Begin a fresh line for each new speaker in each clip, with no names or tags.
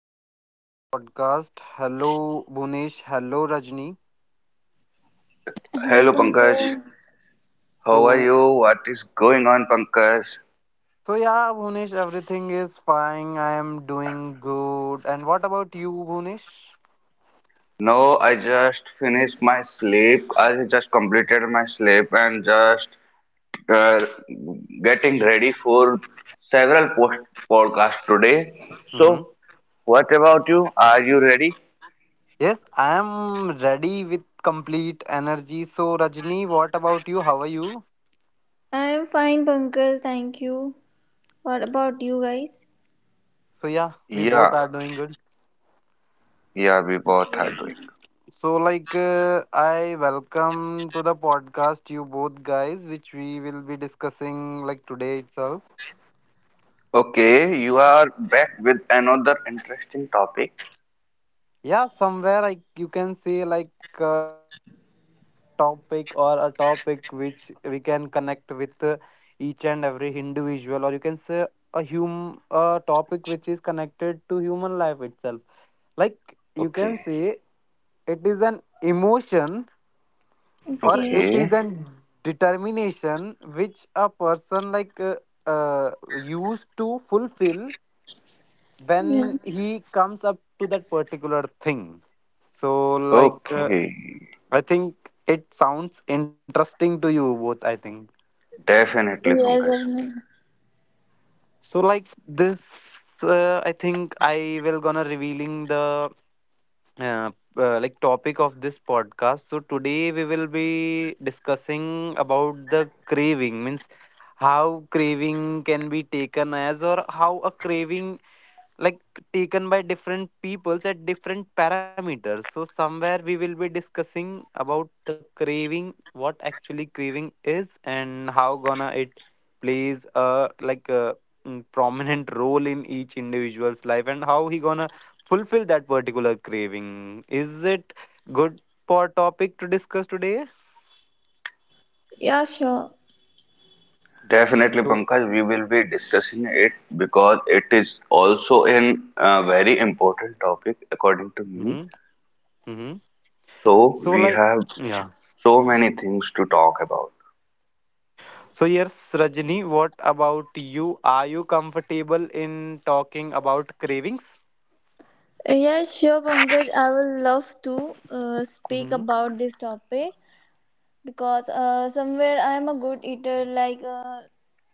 to an another podcast. Hello Bhunesh, hello Rajni.
Hello,
Hello Pankaj,
Pankaj.
how are
So
you? What is going on, Pankaj?
so yeah, Bhunesh, everything is fine. I am doing good. And what about you, Bhunesh?
No, I just finished my sleep. I just completed my sleep and just uh, getting ready for several post podcasts today.
Mm-hmm.
So, what about you? Are you ready?
Yes, I am ready with complete energy. So Rajni, what about you? How are you?
I am fine, Pankaj. Thank you. What about you guys?
So yeah, we both
Yeah,
are doing good.
yeah, we both are
Okay.
doing.
So I welcome to the podcast you both guys, which we will be discussing like today itself.
Okay, you are back with another interesting topic.
Yeah, somewhere like you can see like interesting topic or a topic which we can connect with each and every individual, or you can say a topic which is connected to human life itself, like you
Okay,
can see it is an emotion, or
Okay.
it is
okay,
an determination which a person uh, used to fulfill when
Yes.
he comes up to that particular thing. So
okay.
I think it sounds interesting to you both, I think.
Definitely,
Yes,
Pankaj.
definitely.
So like this, I think I will gonna revealing the uh, like topic of this podcast. So today we will be discussing about the craving, means how craving can be taken as, or how a craving, like, taken by different peoples at different parameters. So somewhere we will be discussing about the craving, what actually craving is, and how gonna it plays a like a prominent role in each individual's life, and how he gonna fulfill that particular craving. Is it good for topic to discuss today?
Yeah, sure.
Definitely,
So
Pankaj, we will be discussing it because it is also an very important topic according to me.
mm-hmm, mm-hmm.
So
So
we
like
have
yeah.
s- so many things to talk about.
So yes, Rajni, what about you? Are you comfortable in talking about cravings?
Yeah, sure, Pankaj. I will love to speak
Hmm.
about this topic because somewhere I am a good eater, like,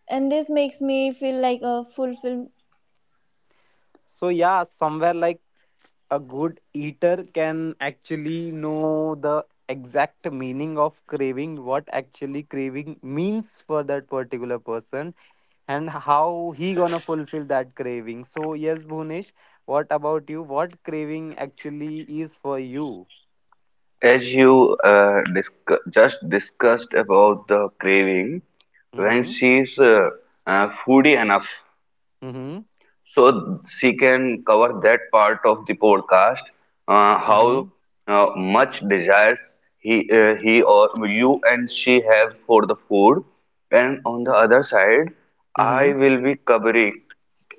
and this makes me feel like a fulfilled.
So yeah, somewhere like a good eater can actually know the exact meaning of craving, what actually craving means for that particular person, and how he gonna fulfill that craving. So yes, Bhunesh, what about you? What craving actually is for you?
As you discu just discussed about the craving,
Mm-hmm.
when she's foodie enough,
Mm-hmm.
so she can cover that part of the podcast how
Mm-hmm.
much desires he or you and she have for the food, and on the other side I
Mm-hmm.
will be covering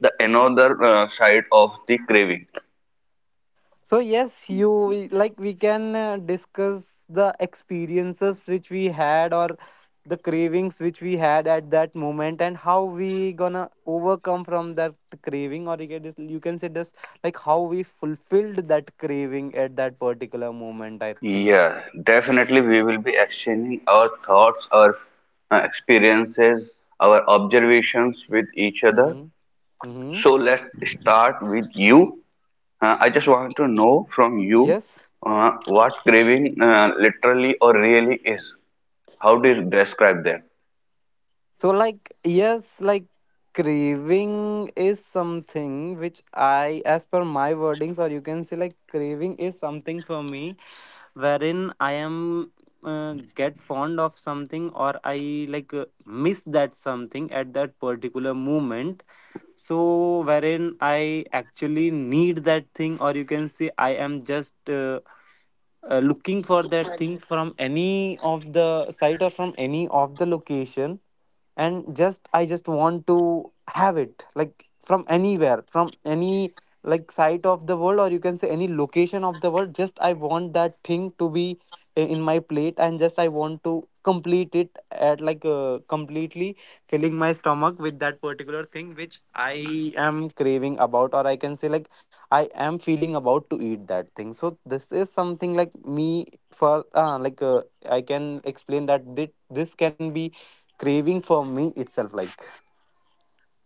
the another side of the craving.
So yes, you, like we can discuss the experiences which we had, or the cravings which we had at that moment, and how we gonna overcome from that craving, or you can just, you can say just like how we fulfilled that craving at that particular moment, I think.
Yeah, definitely we will be exchanging our thoughts, our experiences, our observations with each other.
Mm-hmm. Mm-hmm.
So let's start with you. I just want to know from you
Yes.
what craving literally or really is. How do you describe that?
So like yes, like craving is something which I, as per my wordings, or you can say like craving is something for me wherein I am get fond of something, or I like miss that something at that particular moment. So, wherein I actually need that thing, or you can say I am just looking for that thing from any of the site or from any of the location, and just I just want to have it, like from anywhere, from any like site of the world, or you can say any location of the world, just I want that thing to be in my plate, and just I want to complete it at completely filling my stomach with that particular thing which I am craving about, or I can say like I am feeling about to eat that thing. So this is something like me for I can explain that this can be craving for me itself, like.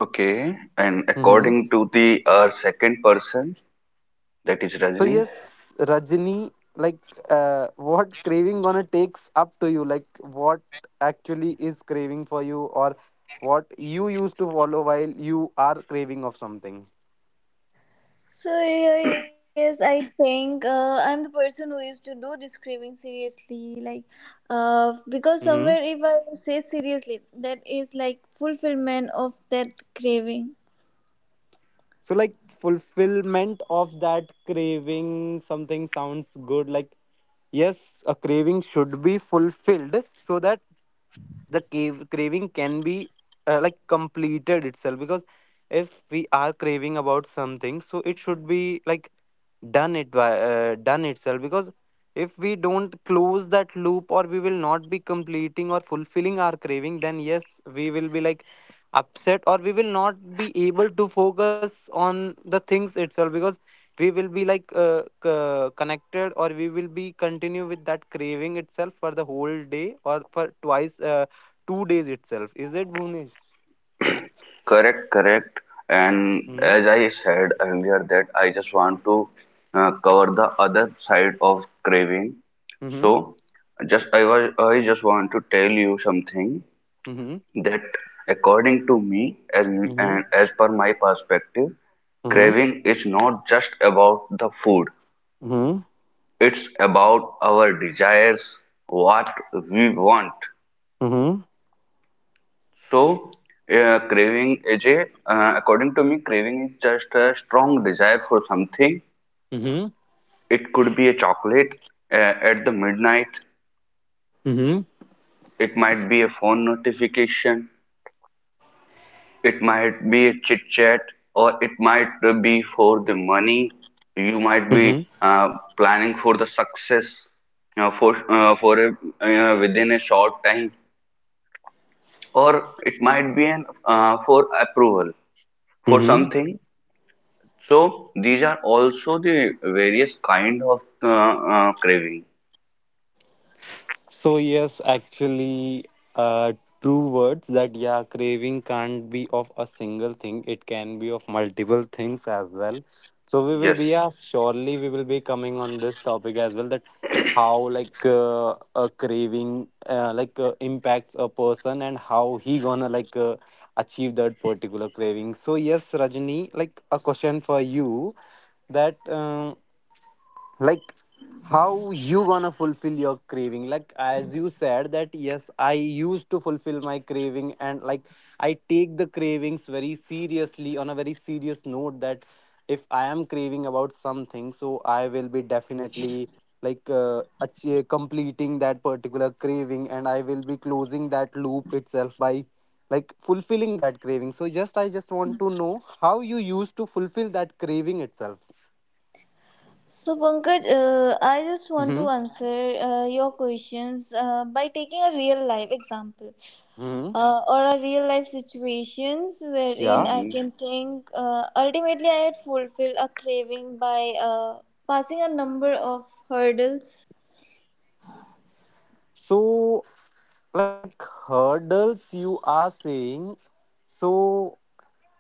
Okay, and
Mm-hmm.
according to the second person, that is
So
Rajni.
yes, Rajini, what craving gonna takes up to you? Like what actually is craving for you, or what you used to follow while you are craving of something?
So here, yes, I think I'm the person who used to do this craving seriously, like, because somewhere
Hmm.
if I say seriously, that is like fulfillment of that craving.
So like fulfillment of that craving, something sounds good. Like yes, a craving should be fulfilled so that the cave craving can be like completed itself, because if we are craving about something, so it should be like done it by done itself, because if we don't close that loop, or we will not be completing or fulfilling our craving, then yes, we will be like upset, or we will not be able to focus on the things itself, because we will be like connected, or we will be continue with that craving itself for the whole day, or for twice 2 days itself. Is it Bhuvnesh?
Correct, correct. And
Hmm.
as I said earlier, that I just want to cover the other side of craving.
Hmm.
So, just I was I just want to tell you something.
Hmm.
That according to me,
Hmm.
as per my perspective,
Hmm.
craving is not just about the food.
Hmm.
It's about our desires, what we want.
Hmm.
So craving is a, according to me, craving is just a strong desire for something.
Hmm.
It could be a chocolate, uh, at the midnight.
Hmm.
It might be a phone notification. It might be a chit chat, or it might be for the money. You might
Hmm.
be planning for the success, uh, for uh, for a, within a short time, or it might be an for approval for
Hmm.
something. So these are also the various kind of craving.
So yes, actually, uh, true words that yeah, craving can't be of a single thing. It can be of multiple things as well. So we will
Yes.
be, yeah, surely we will be coming on this topic as well. That how a craving impacts a person, and how he gonna achieve that particular craving. So yes, Rajni, like a question for you that. Like how you gonna fulfill your craving, like as you said that yes, I used to fulfill my craving, and like I take the cravings very seriously, on a very serious note, that if I am craving about something, so I will be definitely completing that particular craving, and I will be closing that loop itself by like fulfilling that craving. So just I just want to know how you used to fulfill that craving itself.
So Pankaj, I just want
Hmm.
to answer your questions by taking a real life example
Hmm.
or a real life situations wherein
Yeah.
I
Hmm.
can think. Ultimately, I had fulfilled a craving by passing a number of hurdles.
So, like hurdles, you are saying. So,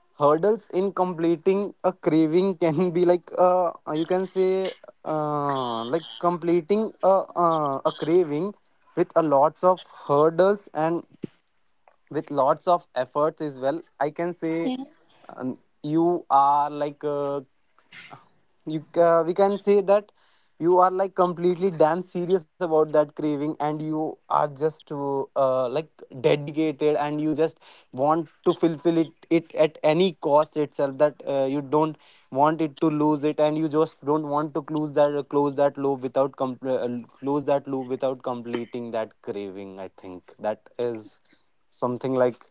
hurdles in completing a craving can be you can say, like completing a craving with a lots of hurdles, and with lots of efforts as well, I can say.
Yes.
You are like you we can say that you are like completely damn serious about that craving, and you are just to like dedicated, and you just want to fulfill it at any cost itself, that you don't want it to lose it, and you just don't want to close that loop without com- close that loop without completing that craving. I think that is something like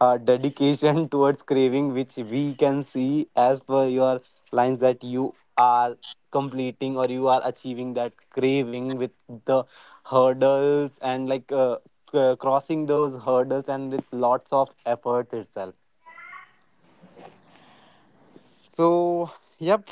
dedication towards craving, which we can see as per your lines that you are completing, or you are achieving that craving with the hurdles, and crossing those hurdles, and with lots of efforts itself. So, yep.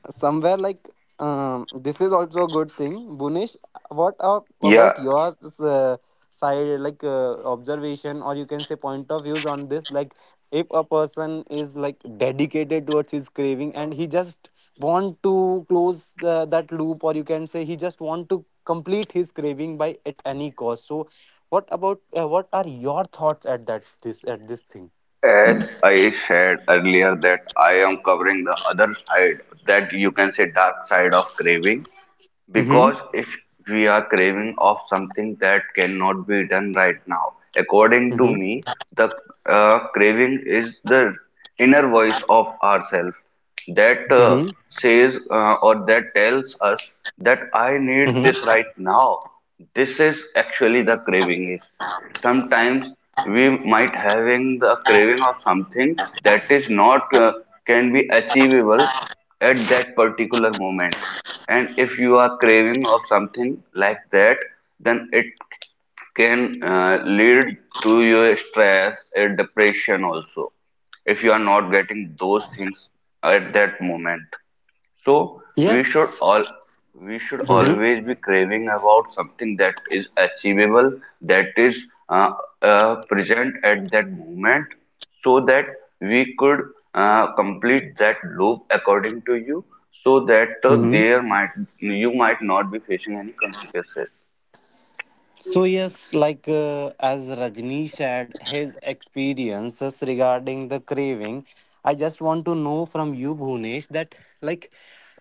Somewhere like, this is also a good thing, Bunish. What are,
Yeah,
about your side, like observation, or you can say point of views on this, like if a person is like dedicated towards his craving, and he just want to close the that loop, or you can say he just want to complete his craving by at any cost, so what about what are your thoughts at that this thing?
as I shared earlier that I am covering the other side, that you can say dark side of craving.
Mm-hmm.
Because if we are craving of something that cannot be done right now, according to
Mm-hmm.
me, the craving is the inner voice of ourself, that
Mm-hmm.
says or that tells us that I need
Mm-hmm.
this right now. This is actually the craving is. Sometimes we might having the craving of something that is not can be achievable at that particular moment, and if you are craving of something like that, then it can lead to your stress, depression also, if you are not getting those things at that moment. So
Yes.
we should always be craving about something that is achievable, that is uh, present at that moment, so that we could complete that loop according to you, so that
Mm-hmm.
there might, you might not be facing any consequences.
So, yes, as Rajni shared his experiences regarding the craving, I just want to know from you, Bhunesh, that like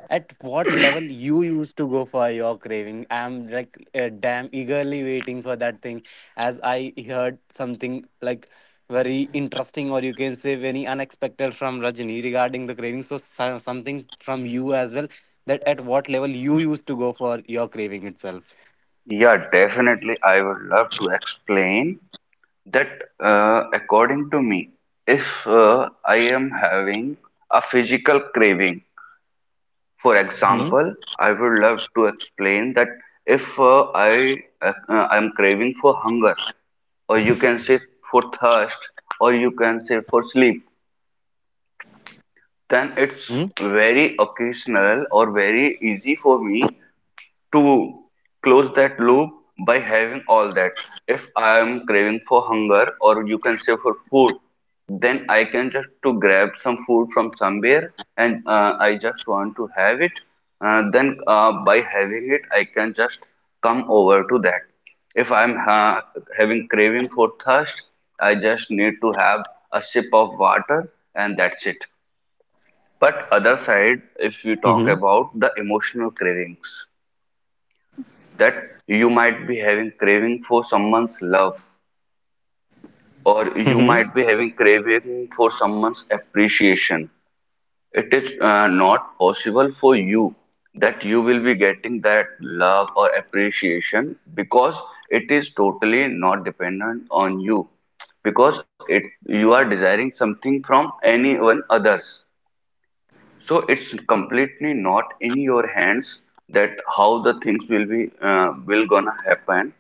at what level you used to go for your craving. I'm like damn eagerly waiting for that thing, as I heard something like very interesting, or you can say very unexpected from Rajni regarding the craving. So, something from you as well, that at what level you used to go for your craving itself.
Yeah, definitely. I would love to explain that according to me, if I am having a physical craving. For
Mm-hmm.
example, I would love to explain that if uh, I'm craving for hunger, or you can say for thirst, or you can say for sleep, then it's very occasional or very easy for me to close that loop by having all that. If I am craving for hunger or you can say for food, then I can just to grab some food from somewhere and I just want to have it. Then by having it, I can just come over to that. If I'm having craving for thirst, I just need to have a sip of water and that's it. But other side, if we talk
Mm-hmm.
about the emotional cravings, that you might be having craving for someone's love or you
Mm-hmm.
might be having craving for someone's appreciation, it is not possible for you that you will be getting that love or appreciation, because it is totally not dependent on you, because it you are desiring something from anyone others, so it's completely not in your hands that how the things will be, will gonna happen.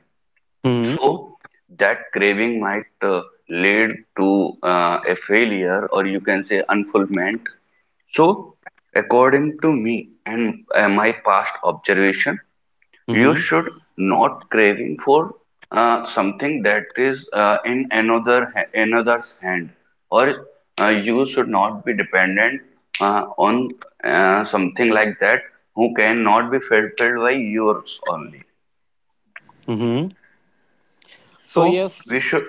Mm-hmm.
So that craving might lead to a failure or you can say unfulfillment. So according to me and my past observation,
Mm-hmm.
you should not craving for something that is in another's hand, or you should not be dependent on something like that who cannot be fulfilled by yours only.
Mm-hmm. So
So we
yes.
should,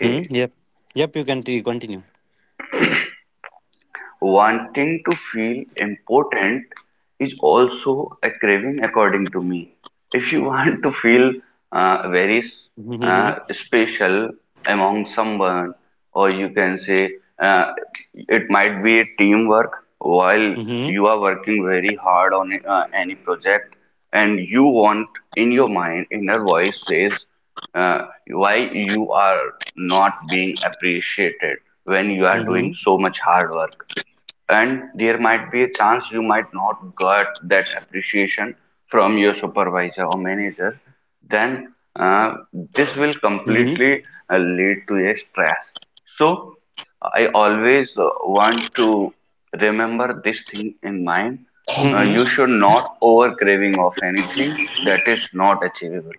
Mm, yep. Yep. You can continue.
Wanting to feel important is also a craving, according to me. If you want to feel very
Mm-hmm.
special among someone, or you can say uh, it might be a teamwork while
Mm-hmm.
you are working very hard on any project, and you want, in your mind, inner voice says, why you are not being appreciated when you are doing
Mm-hmm.
so much hard work, and there might be a chance you might not get that appreciation from your supervisor or manager, then uh, this will
Mm-hmm.
completely lead to a stress. So I always want to remember this thing in mind.
Mm-hmm.
You should not over craving of anything that is not achievable.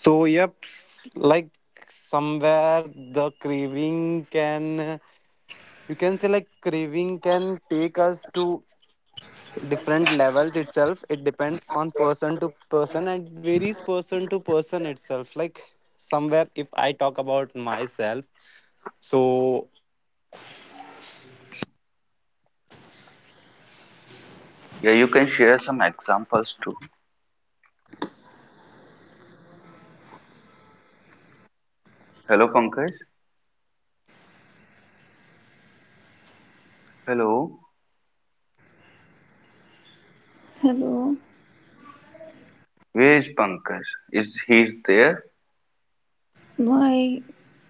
So yep. Like somewhere the craving can, you can say like craving can take us to different levels itself. It depends on person to person, and varies person to person itself. Like somewhere
Yeah, you can share some examples too. Hello, Pankaj. Hello,
Hello.
where is Pankaj? Is he there?
My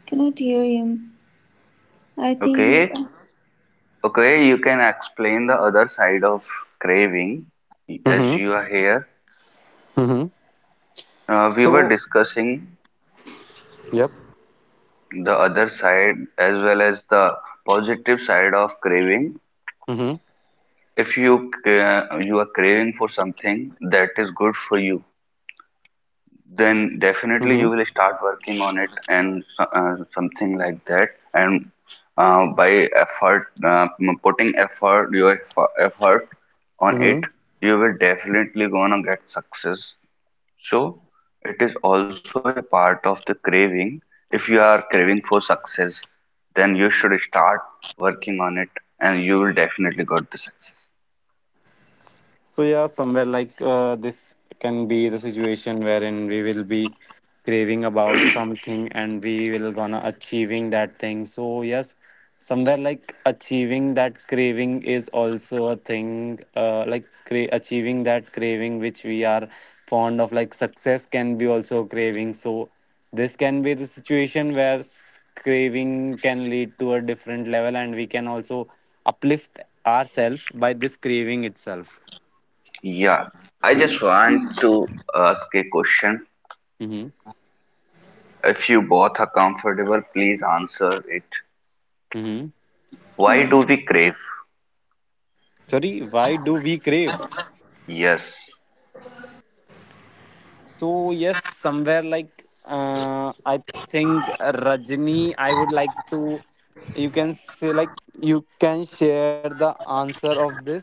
cannot hear him. I think he
Okay, okay, you can explain the other side of craving as
Mm-hmm.
you are here.
Mm-hmm.
We were
So,
discussing
yep.
the other side as well as the positive side of craving.
Mm-hmm.
If you you are craving for something that is good for you, then definitely
Mm-hmm.
you will start working on it and something like that. And by effort, uh, putting effort, your effort on it,
Mm-hmm.
you will definitely gonna get success. So it is also a part of the craving. If you are craving for success, then you should start working on it and you will definitely get the success.
So yeah, somewhere this can be the situation wherein we will be craving about something and we will gonna achieving that thing. So yes, somewhere like achieving that craving is also a thing. Like achieving that craving which we are fond of, like success can be also a craving. So this can be the situation where craving can lead to a different level, and we can also uplift ourselves by this craving itself.
Yeah, I just want to ask a question.
Mm-hmm.
If you both are comfortable, please answer it.
Mm-hmm.
Why
okay.
do we crave?
Sorry, why do we crave?
Yes,
So yes, somewhere I think Rajni, I would like to. You can say like you can share the answer of this.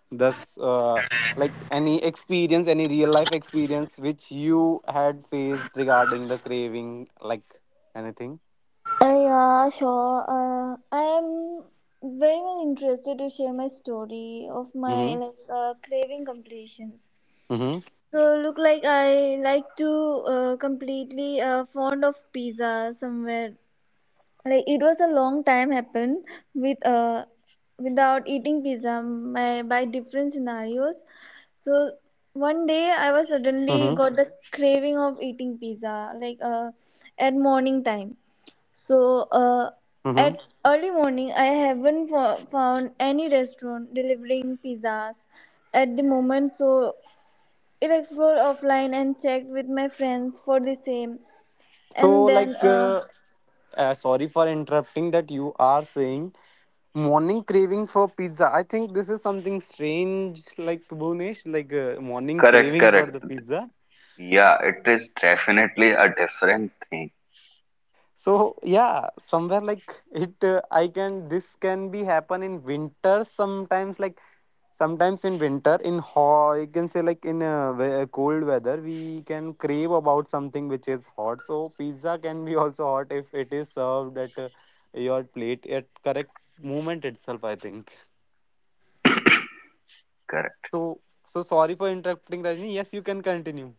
Thus, like any experience, any real life experience which you had faced regarding the craving, like anything.
Yeah, sure. I'm very much interested to share my story of my
Mm-hmm.
like craving completions.
Mm-hmm.
So look like I like to completely fond of pizza, somewhere like it was a long time happen with without eating pizza by different scenarios. So one day I was suddenly
Mm-hmm.
got the craving of eating pizza, like at morning time. So
Mm-hmm.
at early morning I haven't found any restaurant delivering pizzas at the moment. So it explored offline and checked with my friends for the same,
So
and
like,
then
uh, Sorry for interrupting. That you are saying morning craving for pizza. I think this is something strange, like Bhunesh, morning
correct,
craving for the
correct.
pizza.
Yeah, it is definitely a different thing.
So yeah, somewhere I can. This can be happen in winter sometimes. Like sometimes in winter, in hot, you can say like in cold weather, we can crave about something which is hot. So pizza can be also hot if it is served at your plate at correct moment itself. I think.
Correct.
So, so sorry for interrupting, Rajni. Yes, you can continue.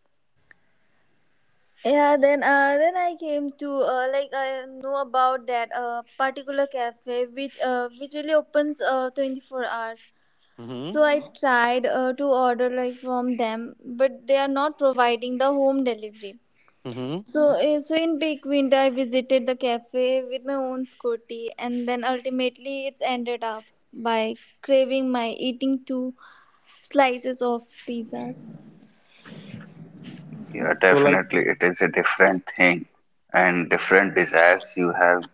yeah, then I came to like I know about that particular cafe which really opens 24 hours.
Mm-hmm.
So I Mhm. tried to order like from them, but they are not providing the home delivery.
Mm-hmm.
So Mhm. So in peak winter I visited the cafe with my own scooty, and then ultimately it's ended up by craving my eating two slices of pizzas.
Yeah,
So, like,
definitely it is a different thing and different desires you have,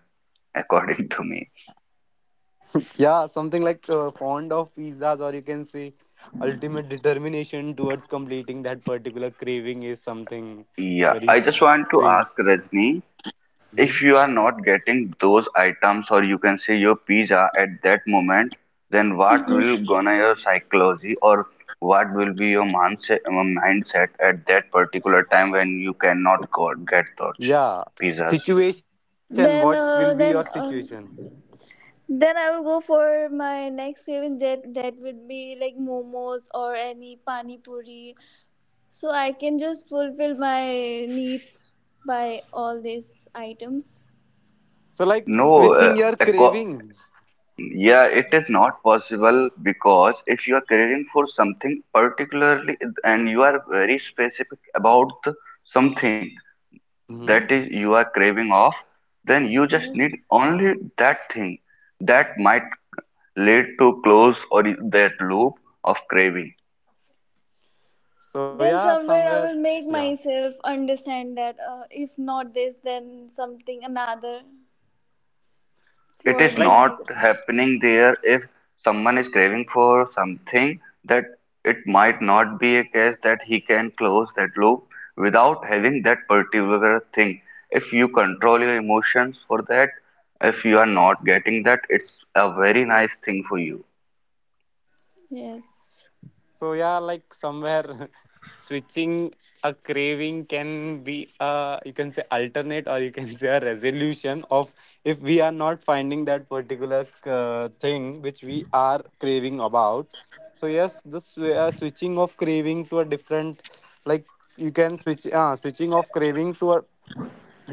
according to me.
yeah, something like fond of pizzas, or you can say ultimate determination towards completing that particular craving is something
Yeah,
very
I
s-
just want to
strange.
ask Rajni,
Mm-hmm.
if you are not getting those items or you can say your pizza at that moment, then what will gonna your psychology or what will be your mindset, mindset at that particular time when you cannot got, get those
Yeah,
pizzas?
situation. What will be
Then
your
uh, then
situation?
uh, Then I will go for my next craving, that would be like momos or any pani puri. So I can just fulfill my needs by all these items.
So, like,
No, uh,
switching your
acco-
craving.
yeah, it is not possible because if you are craving for something particularly and you are very specific about the something that
Mm-hmm.
is you are craving of, then you just need only that thing that might lead to close or that loop of craving.
So,
Then
yeah,
somewhere I
somewhere,
will make
yeah.
myself understand that if not this, then something another
It
for
is
the
not happening there. If someone is craving for something, that it might not be a case that he can close that loop without having that particular thing. If you control your emotions for that, if you are not getting that, it's a very nice thing for you.
yes.
So yeah, like somewhere switching a craving can be you can say alternate or you can say a resolution of if we are not finding that particular thing which we are craving about. So yes, this switching of craving to a different like you can switch switching of craving to a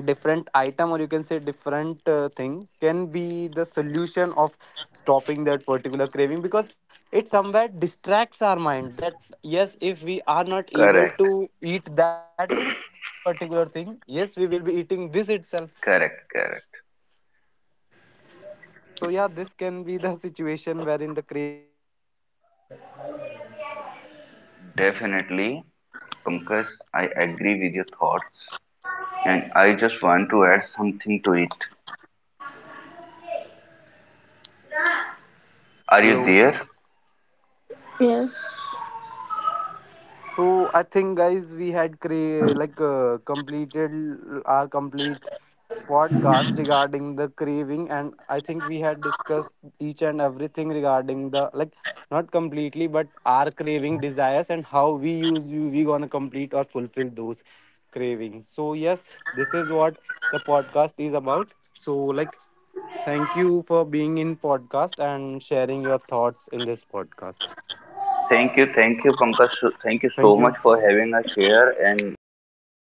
different item or you can say different thing can be the solution of stopping that particular craving because it somewhere distracts our mind that yes if we are not able
Correct,
to eat that particular thing yes we will be eating this itself.
correct, correct.
So yeah, this can be the situation wherein the cravings can goes at high levels itself.
Definitely, Pankaj, I agree with your thoughts and I just
Hello.
want to add something to it. Are you
Hello.
there?
Yes.
So I think, guys, we had completed our complete podcast regarding the craving, and I think we had discussed each and everything regarding the like not completely, but our craving desires and how we use we gonna complete or fulfill those cravings. So yes, this is what the podcast is about. So like, thank you for being in podcast and sharing your thoughts in this podcast.
Thank you, Pankaj. Thank you so
Thank
much
you.
for having us here and listening to